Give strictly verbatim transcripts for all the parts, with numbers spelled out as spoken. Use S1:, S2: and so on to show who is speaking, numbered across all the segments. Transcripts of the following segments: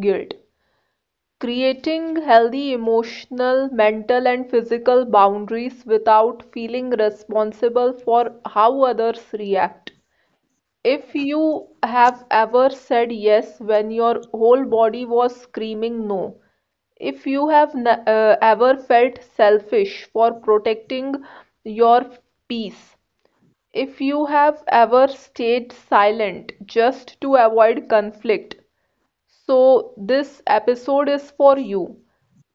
S1: Guilt: Creating healthy emotional, mental, and physical boundaries without feeling responsible for how others react. If you have ever said yes when your whole body was screaming no, if you have uh, ever felt selfish for protecting your peace, if you have ever stayed silent just to avoid conflict, so this episode is for you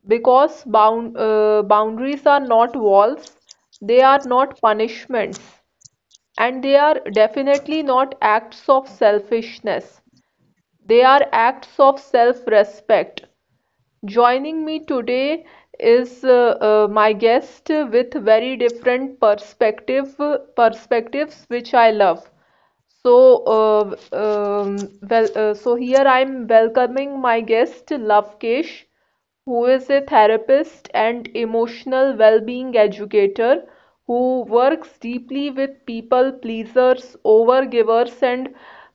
S1: because bound, uh, boundaries are not walls, they are not punishments, and they are definitely not acts of selfishness. They are acts of self-respect. Joining me today is uh, uh, my guest with very different perspective perspectives, which I love. So, uh, um, well, uh, so here I'm welcoming my guest Lavkesh, who is a therapist and emotional well-being educator who works deeply with people pleasers, overgivers, and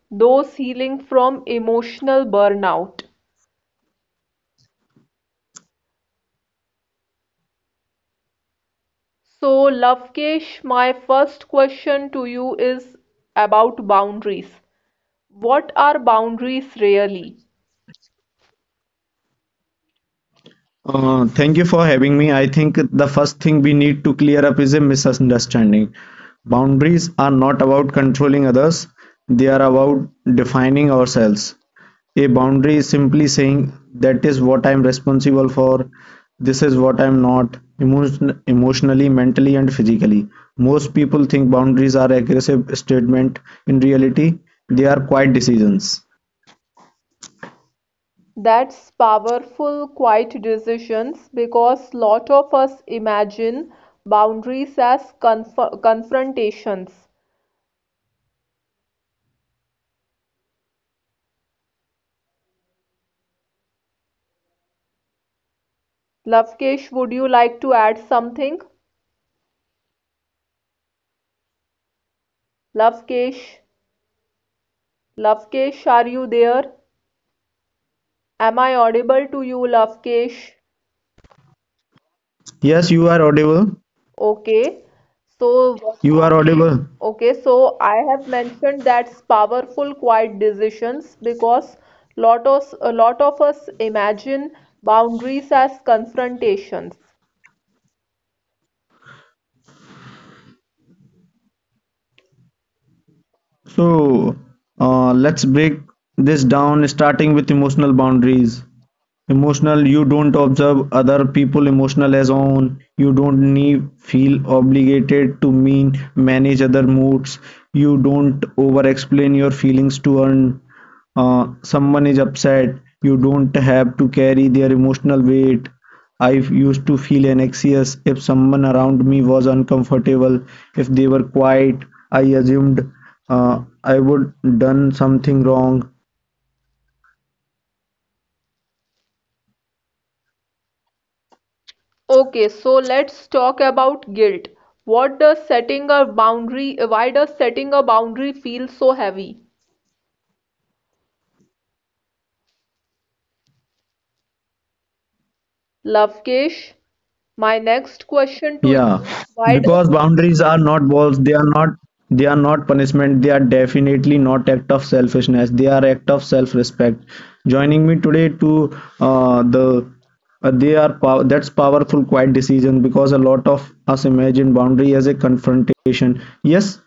S1: those healing from emotional burnout. So, Lavkesh, my first question to you is about boundaries. What are boundaries really?
S2: Uh, thank you for having me. I think the first thing we need to clear up is a misunderstanding. Boundaries are not about controlling others, they are about defining ourselves. A boundary is simply saying that is what I'm responsible for, this is what I'm not, emotion- emotionally, mentally, and physically. Most people think boundaries are aggressive statement. In reality, they are quiet decisions.
S1: That's powerful, quiet decisions because lot of us imagine boundaries as conf confrontations. Lavkesh, would you like to add something? Lavkesh, Lavkesh, are you there? Am I audible to you, Lavkesh?
S2: Yes, you are audible.
S1: Okay. So,
S2: You are audible.
S1: okay, so I have mentioned that's powerful quiet decisions because lot of, a lot of us imagine boundaries as confrontations.
S2: So, uh, let's break this down starting with emotional boundaries. Emotional: You don't observe other people emotional as own. You don't need feel obligated to mean manage other moods. You don't over-explain your feelings to earn. Uh, someone is upset. You don't have to carry their emotional weight. I used to feel anxious if someone around me was uncomfortable. If they were quiet, I assumed uh, I would done something wrong.
S1: Okay, so let's talk about guilt. What does setting a boundary, Why does setting a boundary feel so heavy? Lovekesh, my next question to you
S2: Yeah,
S1: is why does
S2: because boundaries are not walls, they are not they are not punishment, they are definitely not act of selfishness, they are act of self-respect. Joining me today to uh, the uh, they are pow- that's powerful quiet decision because a lot of us imagine boundary as a confrontation. Yes,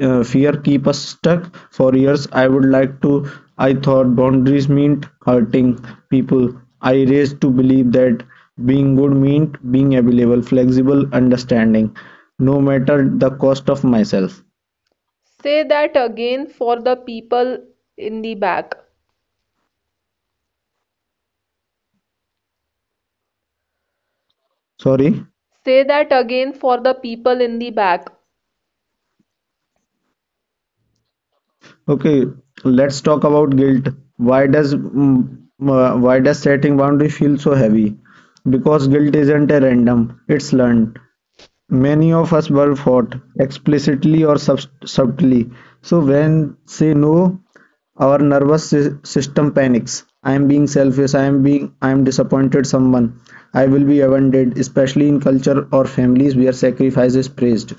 S2: uh, fear keep us stuck for years. I would like to I thought boundaries meant hurting people. I raised to believe that being good meant being available, flexible, understanding, no matter the cost of myself.
S1: say that again for the people in the back.
S2: Sorry.
S1: Say that again for the people in the back.
S2: Okay, let's talk about guilt. Why does mm, uh, why does setting boundary feel so heavy? Because guilt isn't a random, it's learned. Many of us were taught, explicitly or sub- subtly, so when say no, our nervous sy- system panics. I am being selfish, I am being I am disappointed someone. I will be abandoned, especially in culture or families where sacrifice is praised.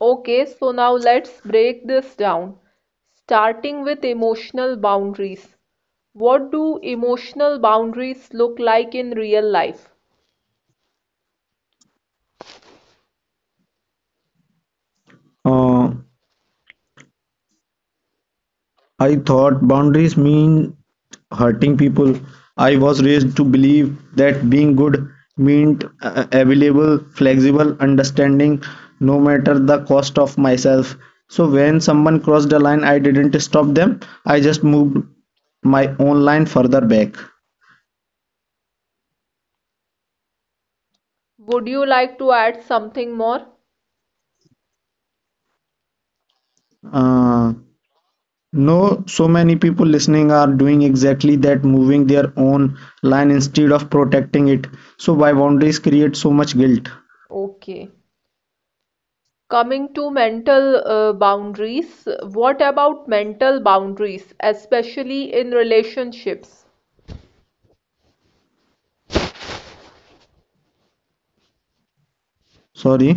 S1: Okay, so now let's break this down, starting with emotional boundaries. What do emotional boundaries look like in real life?
S2: Uh, I thought boundaries mean hurting people. I was raised to believe that being good meant uh, available, flexible, understanding, no matter the cost of myself. So when someone crossed the line, I didn't stop them. I just moved my own line further back.
S1: Would you like to add something more?
S2: Uh, no, so many people listening are doing exactly that, moving their own line instead of protecting it. So why boundaries create so much guilt?
S1: Okay. Coming to mental uh, boundaries, what about mental boundaries, especially in relationships?
S2: Sorry.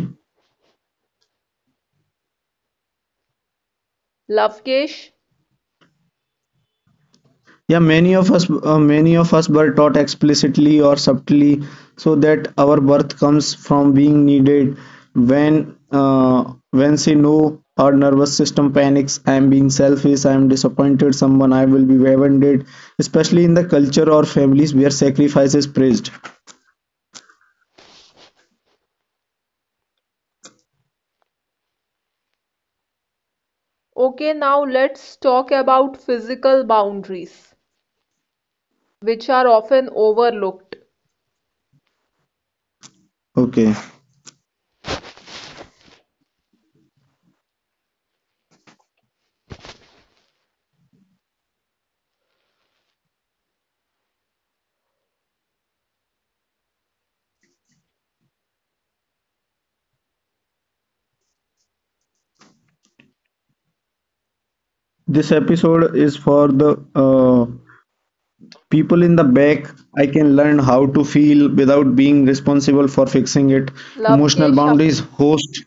S1: Lovekesh,
S2: Yeah, many of us, uh, many of us were taught explicitly or subtly so that our worth comes from being needed. When, uh, when say no, our nervous system panics. I am being selfish. I am disappointed. Someone I will be offended. Especially in the culture or families where sacrifice is praised.
S1: okay, now let's talk about physical boundaries, which are often overlooked.
S2: Okay, this episode is for the uh, people in the back. I can learn how to feel without being responsible for fixing it. Emotional
S1: Lovekesh,
S2: boundaries host.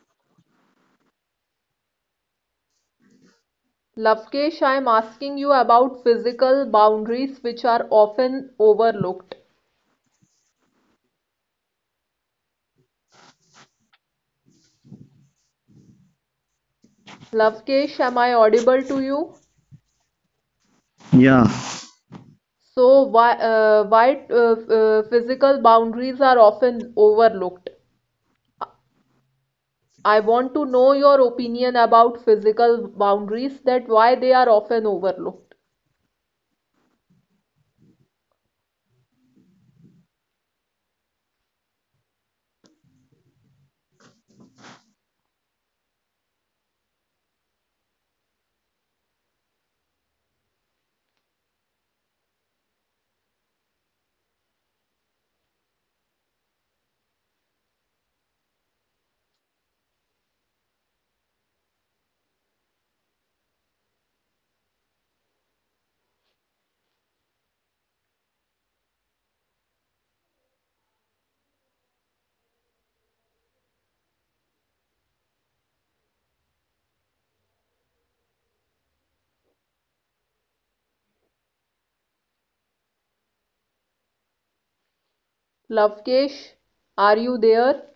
S1: Lavkesh, I am asking you about physical boundaries which are often overlooked. Lavkesh, am I audible to you?
S2: Yeah.
S1: So, why, uh, why uh, uh, physical boundaries are often overlooked? I want to know your opinion about physical boundaries, that why they are often overlooked. Lavkesh, are you there?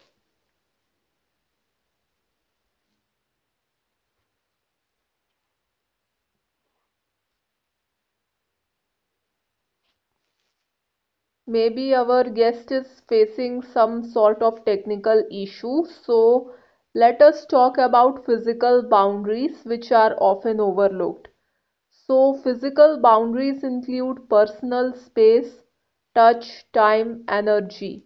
S1: Maybe our guest is facing some sort of technical issue, so let us talk about physical boundaries, which are often overlooked. So, physical boundaries include personal space, touch, time, energy.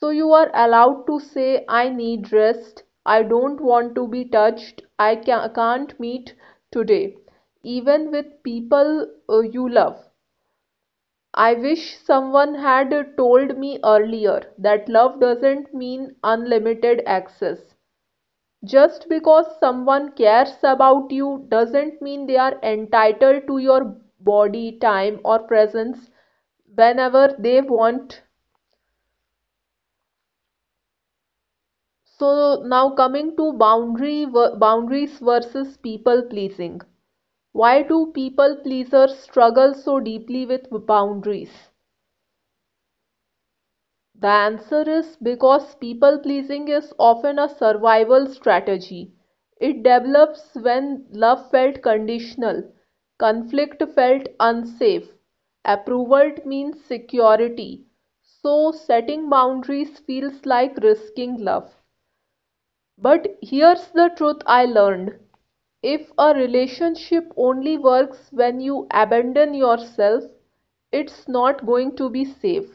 S1: So, you are allowed to say, I need rest, I don't want to be touched, I ca- can't meet today, even with people uh, you love. I wish someone had told me earlier that love doesn't mean unlimited access. Just because someone cares about you doesn't mean they are entitled to your body, time, or presence whenever they want. So now coming to boundary boundaries versus people pleasing. Why do people pleasers struggle so deeply with boundaries? The answer is because people pleasing is often a survival strategy. It develops when love felt conditional, conflict felt unsafe, approval means security. So, setting boundaries feels like risking love. But here's the truth I learned. If a relationship only works when you abandon yourself, it's not going to be safe.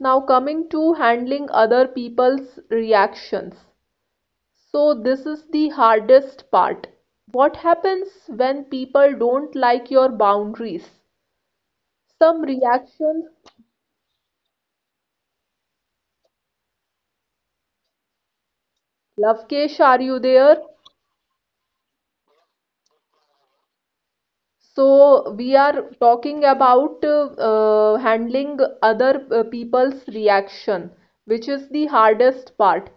S1: Now coming to handling other people's reactions. So this is the hardest part. What happens when people don't like your boundaries? Some reactions. Lovekesh, are you there? So we are talking about uh, uh, handling other uh, people's reaction, which is the hardest part.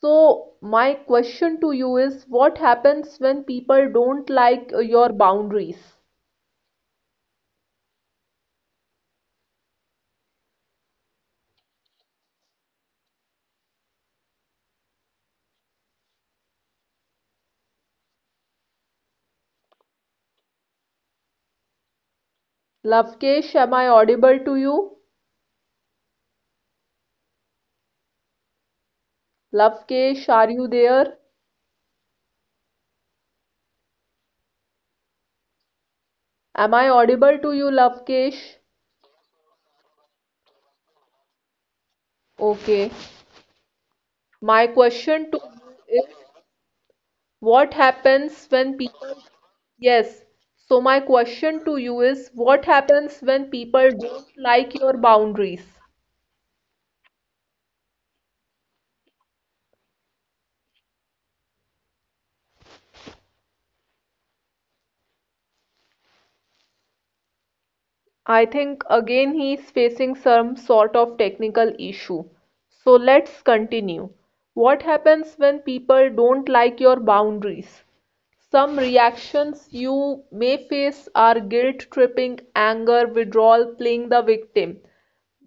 S1: So my question to you is, what happens when people don't like uh, your boundaries? Lovekesh, am I audible to you? Lovekesh, are you there? Am I audible to you, Lovekesh? Okay. My question to you is what happens when people. Yes. So, my question to you is what happens when people don't like your boundaries? I think again he is facing some sort of technical issue. So let's continue. What happens when people don't like your boundaries? Some reactions you may face are guilt tripping, anger, withdrawal, playing the victim.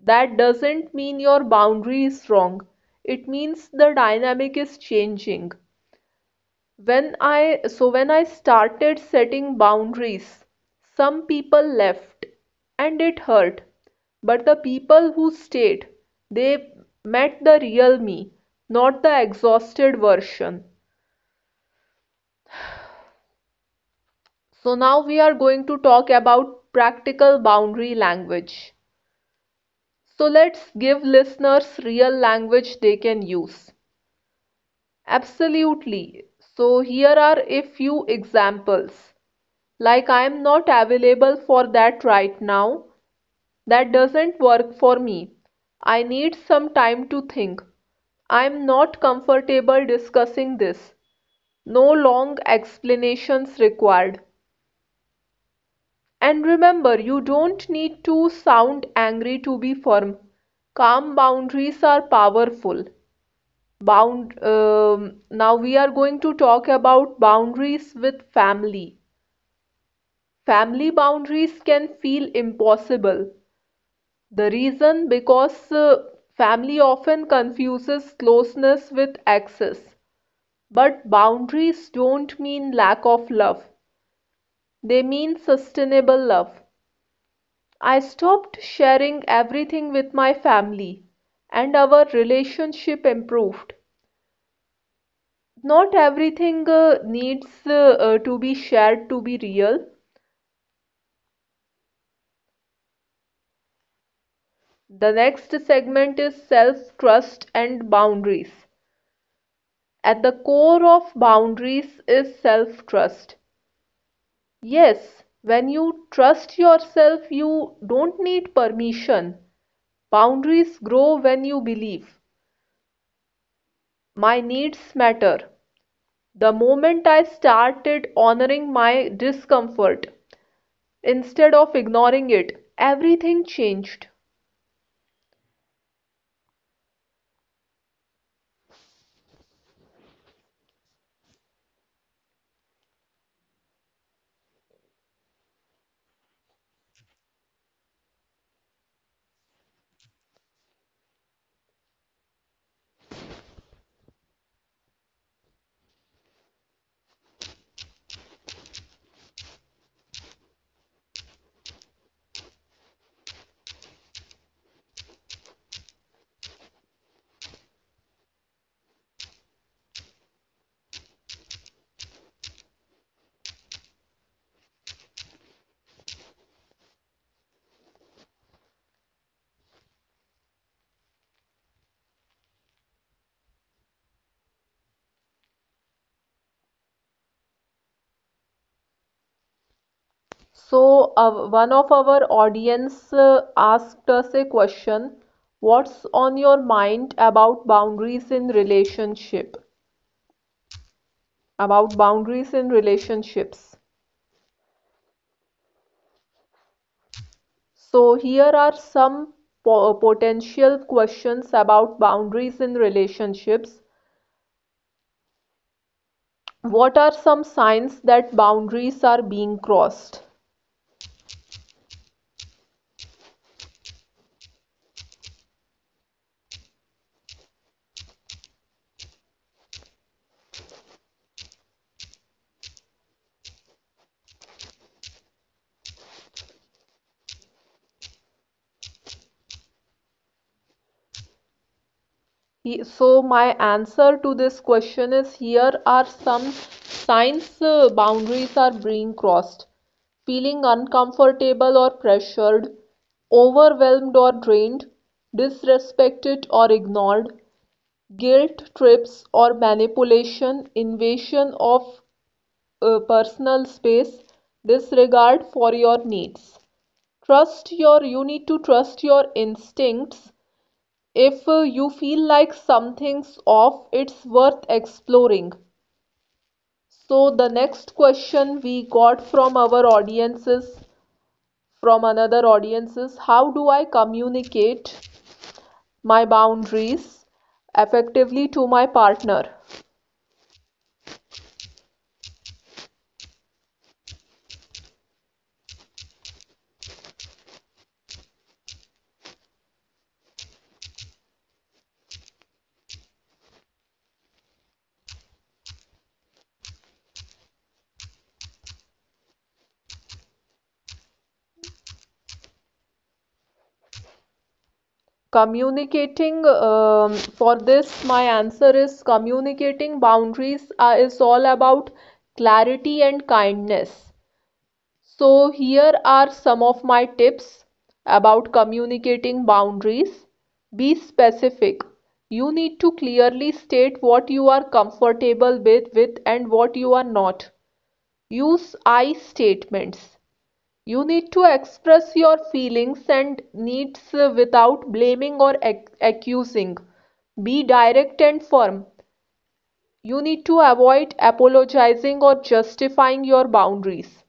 S1: That doesn't mean your boundary is wrong. It means the dynamic is changing. When I so when I started setting boundaries, some people left and it hurt. But the people who stayed, they met the real me, not the exhausted version. So now we are going to talk about practical boundary language. So let's give listeners real language they can use. Absolutely. So here are a few examples. Like I'm not available for that right now. That doesn't work for me. I need some time to think. I'm not comfortable discussing this. No long explanations required. And remember, you don't need to sound angry to be firm. Calm boundaries are powerful. Bound, um, now we are going to talk about boundaries with family. Family boundaries can feel impossible. The reason because uh, family often confuses closeness with access. But boundaries don't mean lack of love, they mean sustainable love. I stopped sharing everything with my family, and our relationship improved. Not everything uh, needs uh, uh, to be shared to be real. The next segment is self trust and boundaries. At the core of boundaries is self trust. Yes, when you trust yourself, you don't need permission. Boundaries grow when you believe. My needs matter. The moment I started honoring my discomfort instead of ignoring it, everything changed. So, uh, one of our audience uh, asked us a question, what's on your mind about boundaries in relationship? About boundaries in relationships. So here are some po- potential questions about boundaries in relationships. What are some signs that boundaries are being crossed? He- So my answer to this question is here are some signs uh, boundaries are being crossed. Feeling uncomfortable or pressured, overwhelmed or drained, disrespected or ignored, guilt trips or manipulation, invasion of uh, personal space, this regard for your needs. Trust your, you need to trust your instincts. If uh, you feel like something's off, it's worth exploring. So, the next question we got from our audiences, from another audiences, how do I communicate my boundaries effectively to my partner? Communicating, um, for this, my answer is communicating boundaries are, is all about clarity and kindness. So, here are some of my tips about communicating boundaries. Be specific. You need to clearly state what you are comfortable with, with and what you are not. Use I statements. You need to express your feelings and needs without blaming or ac- accusing. Be direct and firm. You need to avoid apologizing or justifying your boundaries.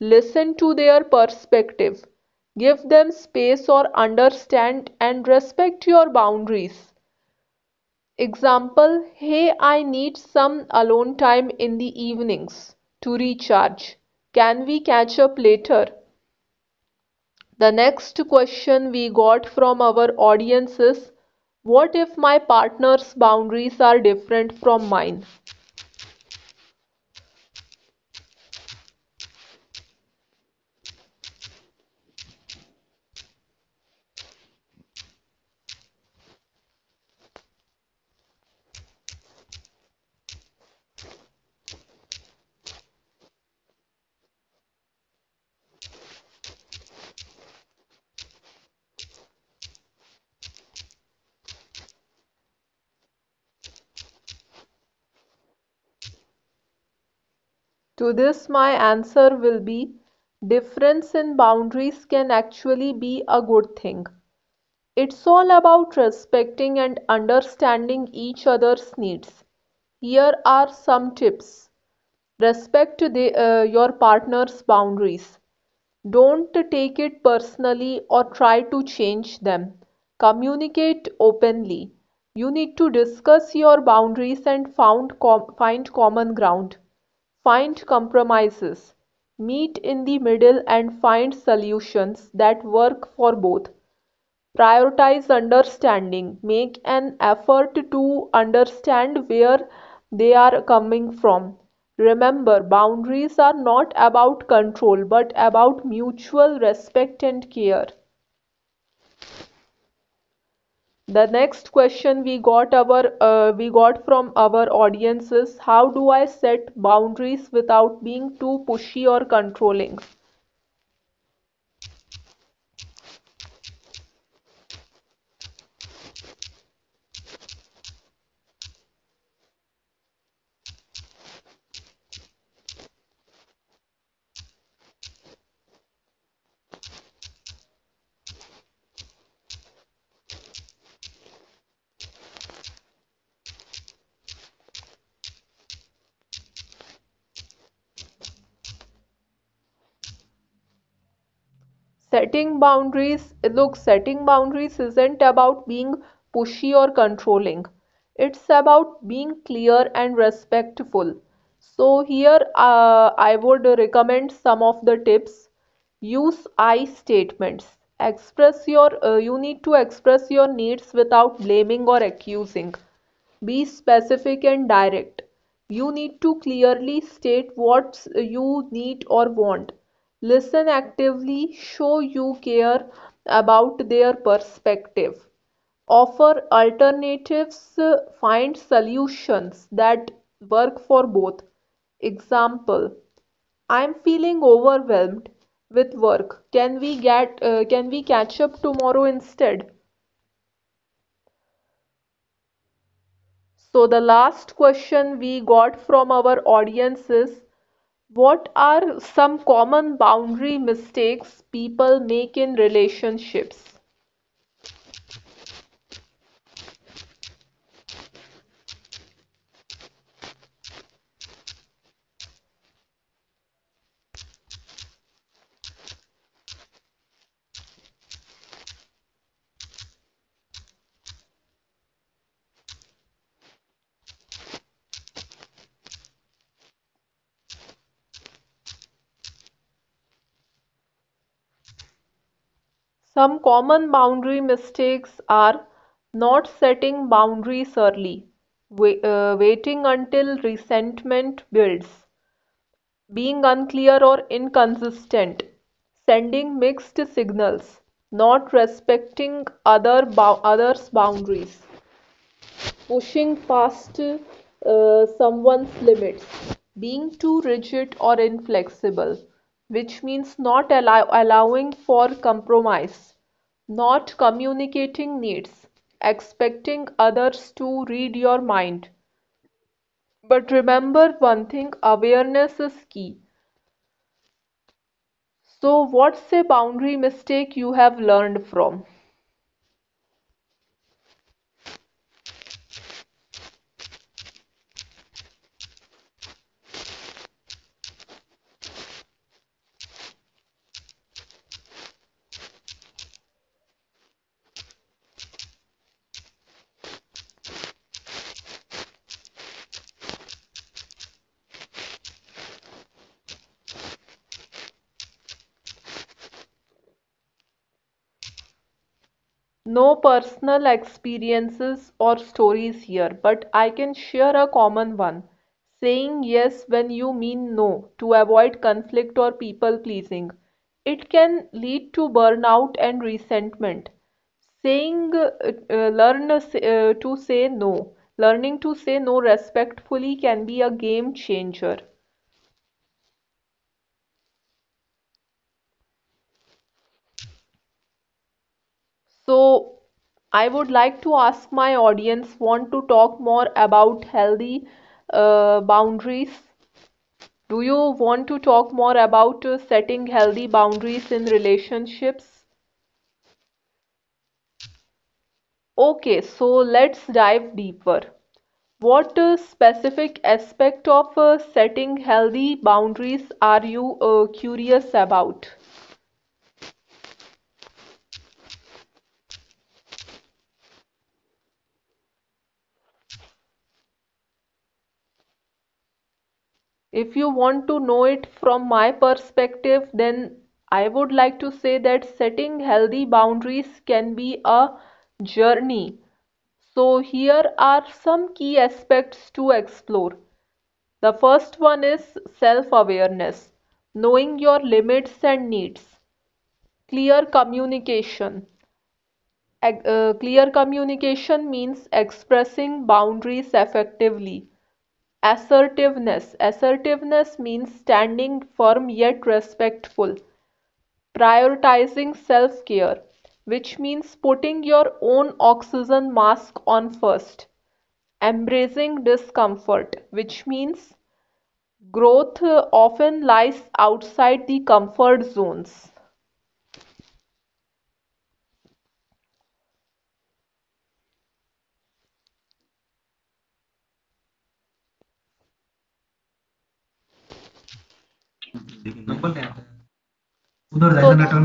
S1: Listen to their perspective. Give them space or understand and respect your boundaries. Example: Hey, I need some alone time in the evenings to recharge. Can we catch up later? The next question we got from our audience is, what if my partner's boundaries are different from mine? To this, my answer will be: difference in boundaries can actually be a good thing. It's all about respecting and understanding each other's needs. Here are some tips. Respect the, uh, your partner's boundaries. Don't take it personally or try to change them. Communicate openly. You need to discuss your boundaries and found com- find common ground. Find compromises. Meet in the middle and find solutions that work for both. Prioritize understanding. Make an effort to understand where they are coming from. Remember, boundaries are not about control but about mutual respect and care. The next question we got our uh, we got from our audience is, how do I set boundaries without being too pushy or controlling? Setting boundaries look, setting boundaries isn't about being pushy or controlling. It's about being clear and respectful. So, here uh, I would recommend some of the tips. Use I statements. Express your, uh, you need to express your needs without blaming or accusing. Be specific and direct. You need to clearly state what you need or want. Listen actively, show you care about their perspective. Offer alternatives, uh, find solutions that work for both. Example, I'm feeling overwhelmed with work. Can we get uh, can we catch up tomorrow instead? So the last question we got from our audience is, what are some common boundary mistakes people make in relationships? Some common boundary mistakes are not setting boundaries early, wai- uh, waiting until resentment builds, being unclear or inconsistent, sending mixed signals, not respecting other bou- others' boundaries, pushing past uh, someone's limits, being too rigid or inflexible, which means not allow- allowing for compromise, not communicating needs, expecting others to read your mind. But remember one thing, awareness is key. So, what's a boundary mistake you have learned from? No personal experiences or stories here, but I can share a common one. Saying yes when you mean no to avoid conflict or people pleasing. It can lead to burnout and resentment. Saying, uh, uh, learn uh, uh, to say no. Learning to say no respectfully can be a game changer. So, I would like to ask my audience, want to talk more about healthy uh, boundaries? Do you want to talk more about uh, setting healthy boundaries in relationships? Okay, so let's dive deeper. What uh, specific aspect of uh, setting healthy boundaries are you uh, curious about? If you want to know it from my perspective, then I would like to say that setting healthy boundaries can be a journey. So, here are some key aspects to explore. The first one is self awareness, knowing your limits and needs; clear communication. Uh, clear communication means expressing boundaries effectively. Assertiveness: assertiveness means standing firm yet respectful; prioritizing self care, which means putting your own oxygen mask on first; embracing discomfort, which means growth uh, often lies outside the comfort zones. So, let's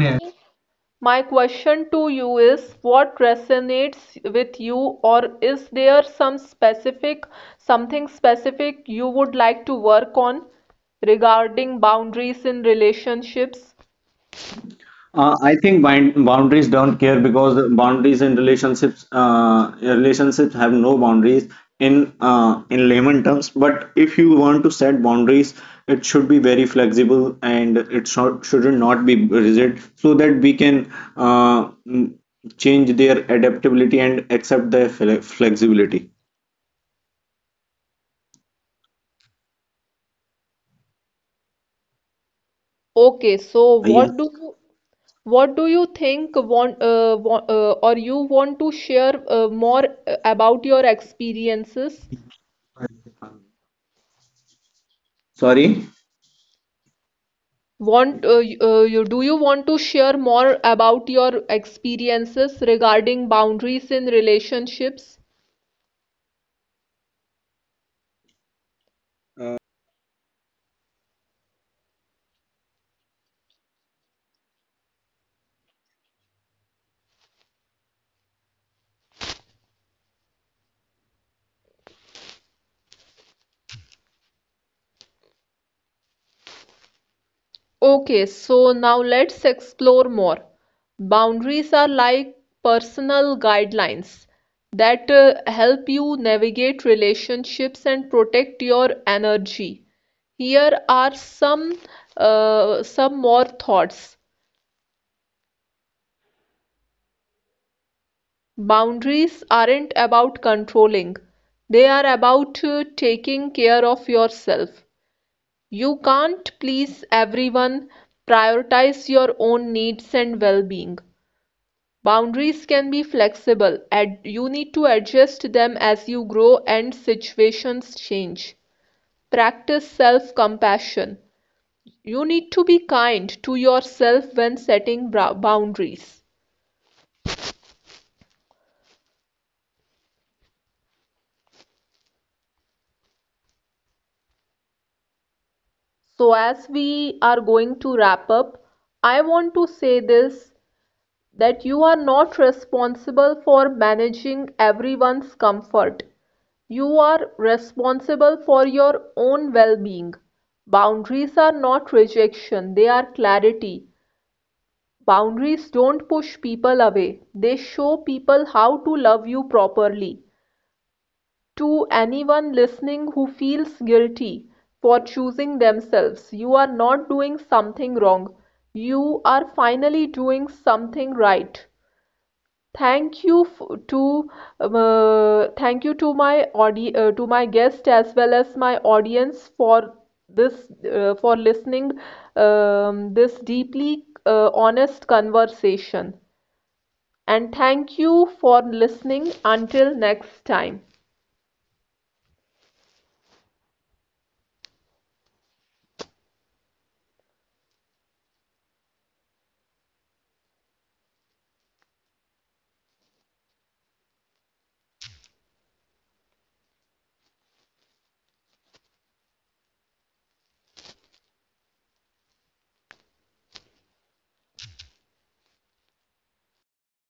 S1: My question to you is, what resonates with you, or is there some specific, something specific you would like to work on regarding boundaries in relationships?
S2: Uh, I think bind boundaries don't care because the boundaries in relationships, uh, relationships have no boundaries in uh, in layman terms. But if you want to set boundaries, it should be very flexible and it should shouldn't not be rigid, so that we can uh, mm, change their adaptability and accept their fle- flexibility.
S1: Okay, so
S2: भैया,
S1: what do you, what do you think want, uh, wa- uh, or you want to share uh, more uh, about your experiences?
S2: sorry.
S1: Want uh, y- uh, you do you want to share more about your experiences regarding boundaries in relationships? Okay, so now let's explore more. Boundaries are like personal guidelines that uh, help you navigate relationships and protect your energy. Here are some uh, some more thoughts. Boundaries aren't about controlling. They are about uh, taking care of yourself. You can't please everyone. Prioritize your own needs and well-being. Boundaries can be flexible, and you need to adjust them as you grow and situations change. Practice self-compassion. You need to be kind to yourself when setting boundaries. So, as we are going to wrap up, I want to say this: that you are not responsible for managing everyone's comfort. You are responsible for your own well-being. Boundaries are not rejection, they are clarity. Boundaries don't push people away, they show people how to love you properly. To anyone listening who feels guilty for choosing themselves, you are not doing something wrong. You are finally doing something right. Thank you f- to um, uh, thank you to my audi uh, to my guest as well as my audience for this uh, for listening um, this deeply uh, honest conversation. And thank you for listening. Until next time.